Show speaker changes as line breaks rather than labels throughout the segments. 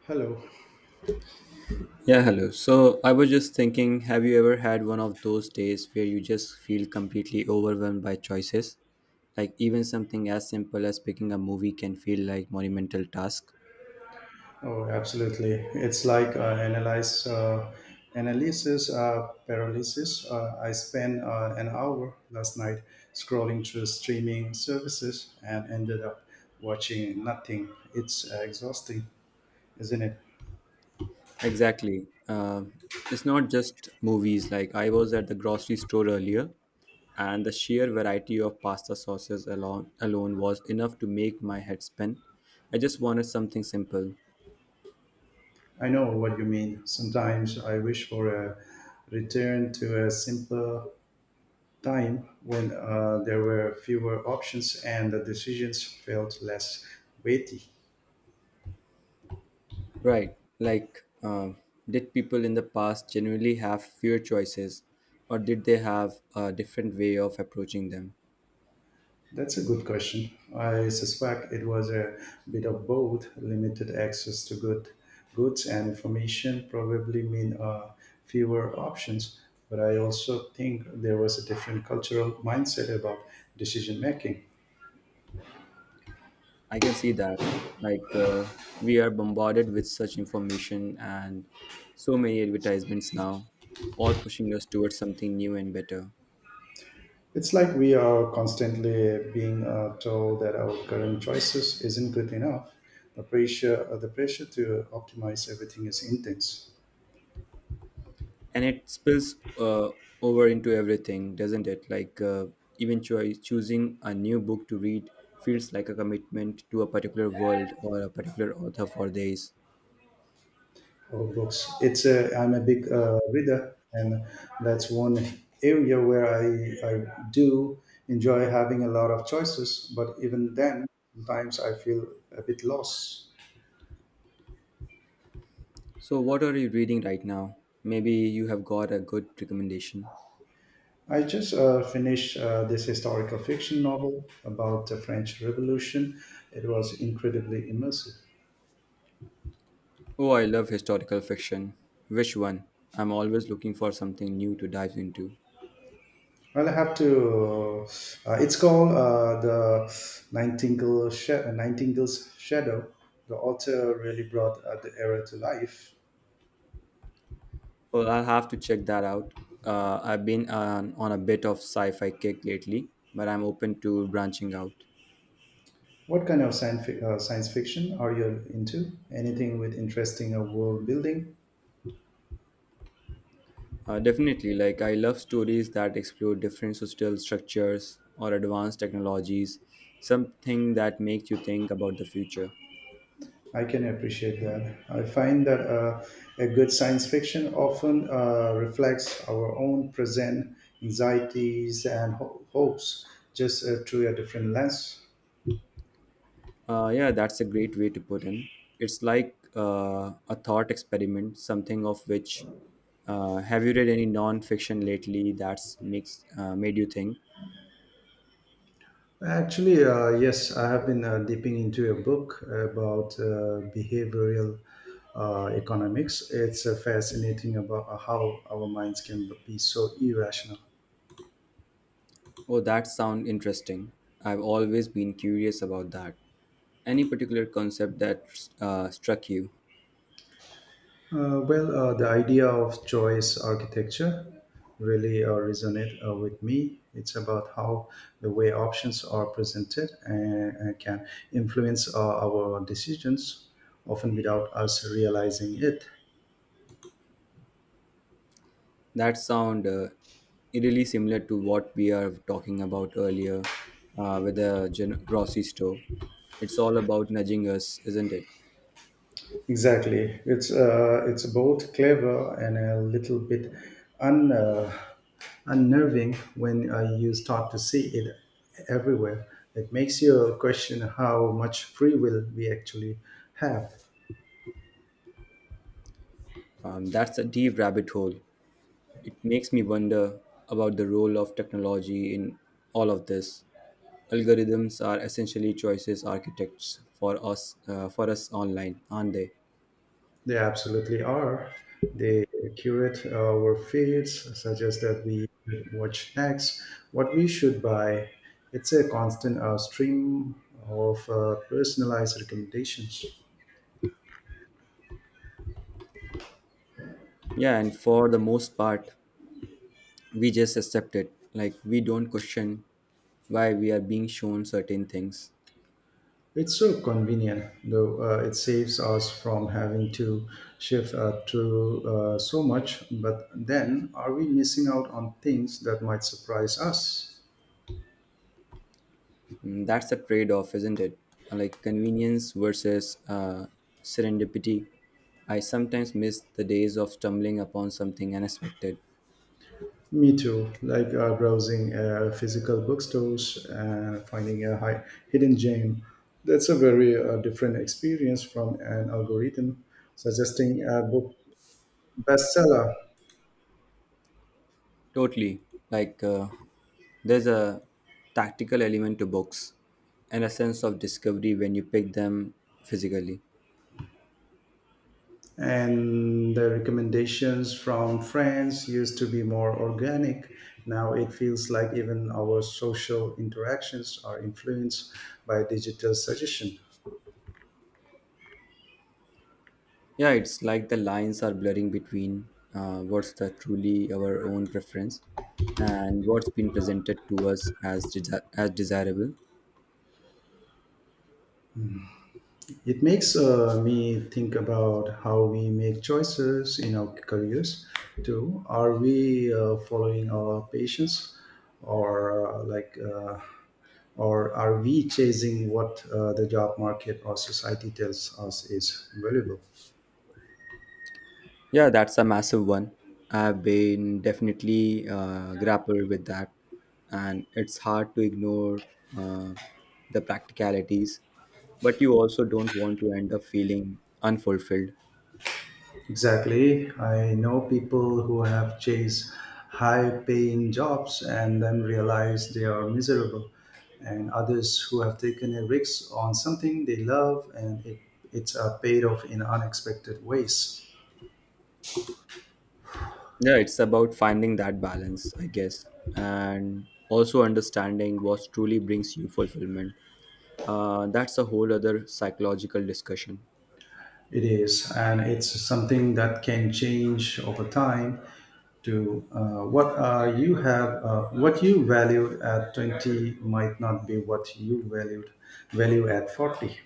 Hello.
Yeah, hello. So I was just thinking, have you ever had one of those days where you just feel completely overwhelmed by choices? Like even something as simple as picking a movie can feel like monumental task.
Oh, absolutely. It's like analyze analysis paralysis. I spent an hour last night scrolling through streaming services and ended up watching nothing. It's exhausting, isn't it?
Exactly. It's not just movies. Like I was at the grocery store earlier, and the sheer variety of pasta sauces alone was enough to make my head spin. I just wanted something simple.
I know what you mean. Sometimes I wish for a return to a simpler time when there were fewer options and the decisions felt less weighty.
Right. Did people in the past genuinely have fewer choices, or did they have a different way of approaching them?
That's a good question. I suspect it was a bit of both. Limited access to goods and information probably mean fewer options, but I also think there was a different cultural mindset about decision making.
I can see that. Like, uh, we are bombarded with such information and so many advertisements now, all pushing us towards something new and better.
It's like we are constantly being told that our current choices isn't good enough. The pressure to optimize everything is intense.
And it spills over into everything, doesn't it? Even choosing a new book to read feels like a commitment to a particular world or a particular author for days.
Oh, books. I'm a big reader, and that's one area where I do enjoy having a lot of choices. But even then, sometimes I feel a bit lost.
So, what are you reading right now? Maybe you have got a good recommendation.
I just finished this historical fiction novel about the French Revolution. It was incredibly immersive.
Oh, I love historical fiction. Which one? I'm always looking for something new to dive into.
Well, I have to. It's called the Nightingale's Shadow. The author really brought the era to life.
Well, I'll have to check that out. I've been on a bit of sci fi kick lately, but I'm open to branching out.
What kind of science fiction are you into? Anything with interesting world building?
Definitely, like, I love stories that explore different social structures or advanced technologies, something that makes you think about the future.
I can appreciate that. I find that a good science fiction often reflects our own present anxieties and hopes, just through a different lens.
Yeah, that's a great way to put in. It's like a thought experiment, something of which. Have you read any non-fiction lately that's makes made you think?
Actually, yes, I have been dipping into a book about behavioral economics. It's fascinating about how our minds can be so irrational.
Oh, that sound interesting. I've always been curious about that. Any particular concept that struck you?
The idea of choice architecture really resonate with me. It's about how the way options are presented and can influence our decisions, often without us realizing it.
That sound really similar to what we are talking about earlier with the grocery store. It's all about nudging us, isn't it?
Exactly. It's both clever and a little bit un, uh, unnerving when you start to see it everywhere. It makes you question how much free will we actually have.
That's a deep rabbit hole. It makes me wonder about the role of technology in all of this. Algorithms are essentially choices architects for us online, aren't they?
They absolutely are. They curate our feeds, suggest that we should watch next, what we should buy. It's a constant stream of personalized recommendations.
Yeah, and for the most part, we just accept it. Like we don't question why we are being shown certain things.
It's so convenient, though it saves us from having to shift to so much. But then, are we missing out on things that might surprise us?
Mm, that's a trade-off, isn't it? Like convenience versus serendipity. I sometimes miss the days of stumbling upon something unexpected.
Me too, like browsing physical bookstores and finding a hidden gem. That's a very different experience from an algorithm suggesting a book bestseller.
Totally. Like, uh, there's a tactical element to books and a sense of discovery when you pick them physically.
And the recommendations from friends used to be more organic. Now it feels like even our social interactions are influenced by digital suggestion.
Yeah, it's like the lines are blurring between what's the truly our own preference and what's been presented to us as, as desirable.
It makes me think about how we make choices in our careers too. Are we following our patients, or uh, like, uh, or are we chasing what the job market or society tells us is valuable?
Yeah, that's a massive one. I've been definitely grappled with that, and it's hard to ignore uh, the practicalities, but you also don't want to end up feeling unfulfilled.
Exactly. I know people who have chased high paying jobs and then realize they are miserable, and others who have taken a risk on something they love and it's a paid off in unexpected ways.
Yeah, it's about finding that balance, I guess, and also understanding what truly brings you fulfillment. That's a whole other psychological discussion.
It is, and it's something that can change over time. To what are you have, What you valued at 20 might not be what you value at 40.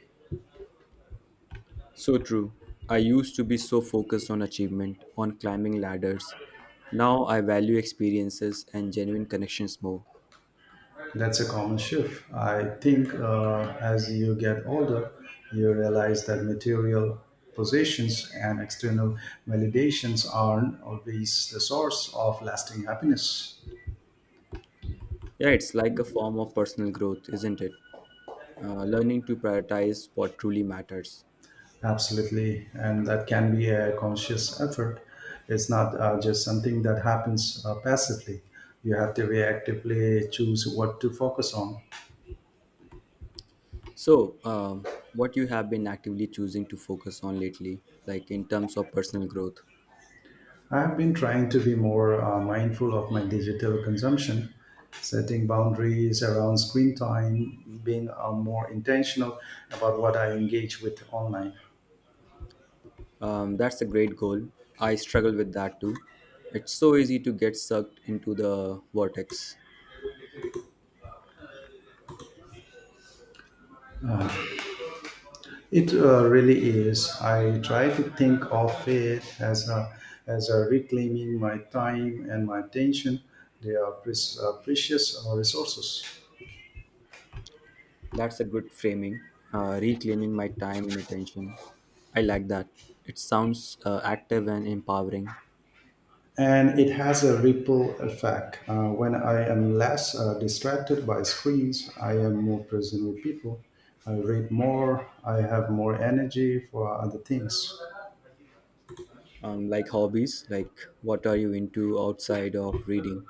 So true. I used to be so focused on achievement, on climbing ladders. Now I value experiences and genuine connections more.
That's a common shift. I think as you get older, you realize that material possessions and external validations aren't always the source of lasting happiness.
Yeah, it's like a form of personal growth, isn't it? Learning to prioritize what truly matters.
Absolutely, and that can be a conscious effort. It's not just something that happens passively. You have to reactively choose what to focus on.
So, what you have been actively choosing to focus on lately, like in terms of personal growth?
I've been trying to be more mindful of my digital consumption, setting boundaries around screen time, being more intentional about what I engage with online.
That's a great goal. I struggle with that too. It's so easy to get sucked into the vortex.
It really is. I try to think of it as a reclaiming my time and my attention. They are precious resources.
That's a good framing. Reclaiming my time and attention. I like that. It sounds active and empowering.
And it has a ripple effect. When I am less distracted by screens, I am more present with people. I read more. I have more energy for other things.
Like hobbies, like what are you into outside of reading?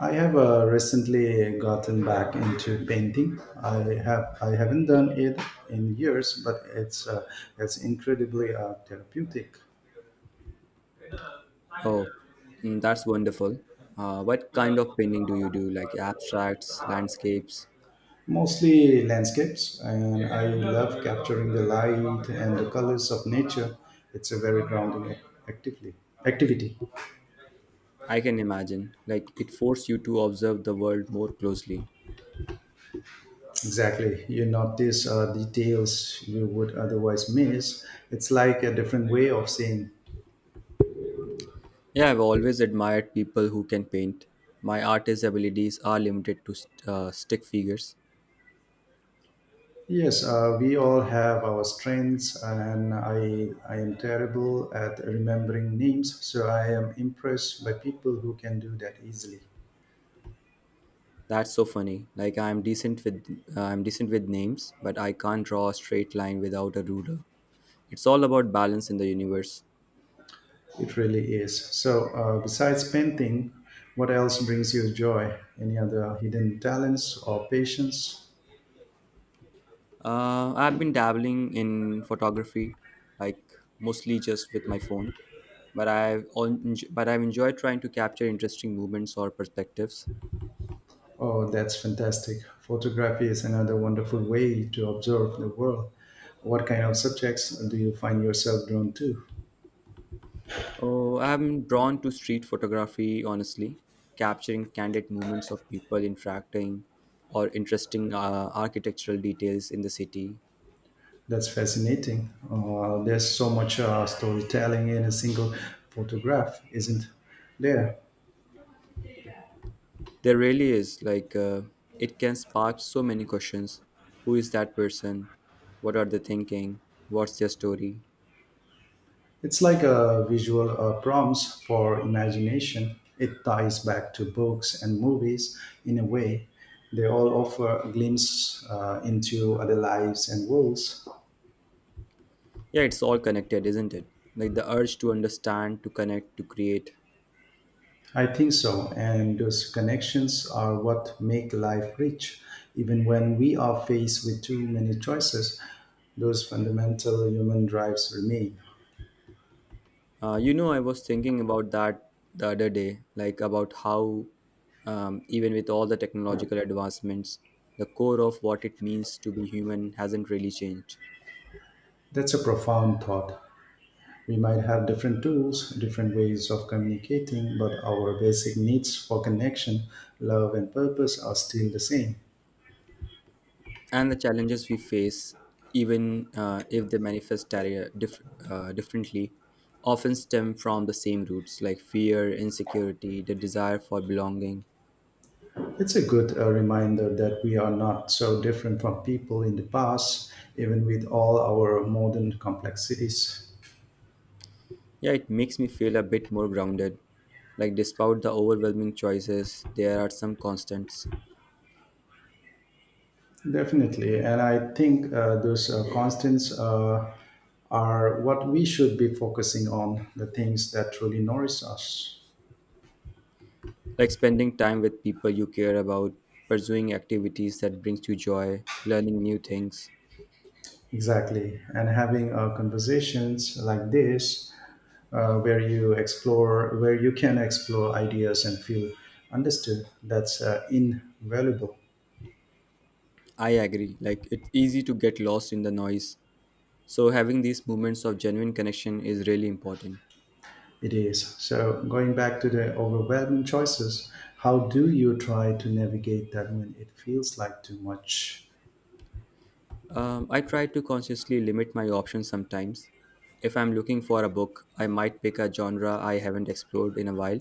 I have recently gotten back into painting. I haven't done it in years, but it's incredibly therapeutic.
Oh, mm, that's wonderful. What kind of painting do you do? Like abstracts, landscapes?
Mostly landscapes, and I love capturing the light and the colors of nature. It's a very grounding actively activity.
I can imagine. Like it forced you to observe the world more closely.
Exactly, you notice details you would otherwise miss. It's like a different way of seeing.
Yeah, I've always admired people who can paint. My artist abilities are limited to stick figures.
Yes, we all have our strengths, and I am terrible at remembering names, so I am impressed by people who can do that easily.
That's so funny. Like I'm decent with names, but I can't draw a straight line without a ruler. It's all about balance in the universe.
It really is. So, besides painting, what else brings you joy? Any other hidden talents or passions?
I've been dabbling in photography, like mostly just with my phone, but but I've enjoyed trying to capture interesting movements or perspectives.
Oh, that's fantastic. Photography is another wonderful way to observe the world. What kind of subjects do you find yourself drawn to?
Oh, I'm drawn to street photography, honestly, capturing candid movements of people interacting or interesting architectural details in the city.
That's fascinating. There's so much storytelling in a single photograph, isn't there?
There really is. It can spark so many questions. Who is that person? What are they thinking? What's their story?
It's like a visual prompts for imagination. It ties back to books and movies in a way. They all offer a glimpse into other lives and worlds.
Yeah, it's all connected, isn't it? Like the urge to understand, to connect, to create.
I think so, and those connections are what make life rich. Even when we are faced with too many choices, those fundamental human drives remain.
You know, I was thinking about that the other day, like about how, even with all the technological advancements, the core of what it means to be human hasn't really changed.
That's a profound thought. We might have different tools, different ways of communicating, but our basic needs for connection, love, and purpose are still the same.
And the challenges we face, even if they manifest differently, often stem from the same roots like fear, insecurity, the desire for belonging.
It's a good reminder that we are not so different from people in the past, even with all our modern complexities.
Yeah, it makes me feel a bit more grounded. Like, despite the overwhelming choices, there are some constants,
Definitely, and I think those constants are what we should be focusing on, the things that truly nourish us.
like spending time with people you care about, pursuing activities that brings you joy, learning new things.
Exactly, and having conversations like this where you can explore ideas and feel understood. That's invaluable.
I agree, like, it's easy to get lost in the noise. So having these moments of genuine connection is really important.
It is. So, going back to the overwhelming choices, how do you try to navigate that when it feels like too much?
I try to consciously limit my options sometimes. If I'm looking for a book, I might pick a genre I haven't explored in a while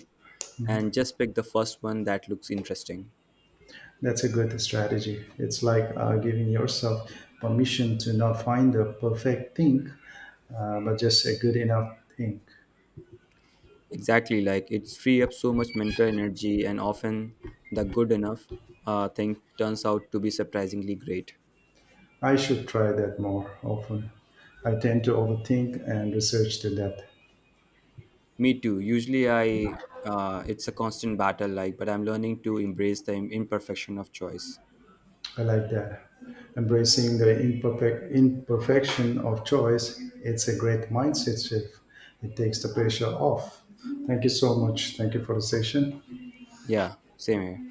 and just pick the first one that looks interesting.
That's a good strategy. It's like giving yourself permission to not find the perfect thing, but just a good enough thing.
Exactly, like it's free up so much mental energy, and often the good enough thing turns out to be surprisingly great.
I should try that more often. I tend to overthink and research to that.
Me too. Usually, I it's a constant battle, like, but I'm learning to embrace the imperfection of choice.
I like that. Embracing the imperfection of choice, it's a great mindset shift. It takes the pressure off. Thank you so much. Thank you for the session.
Yeah, same here.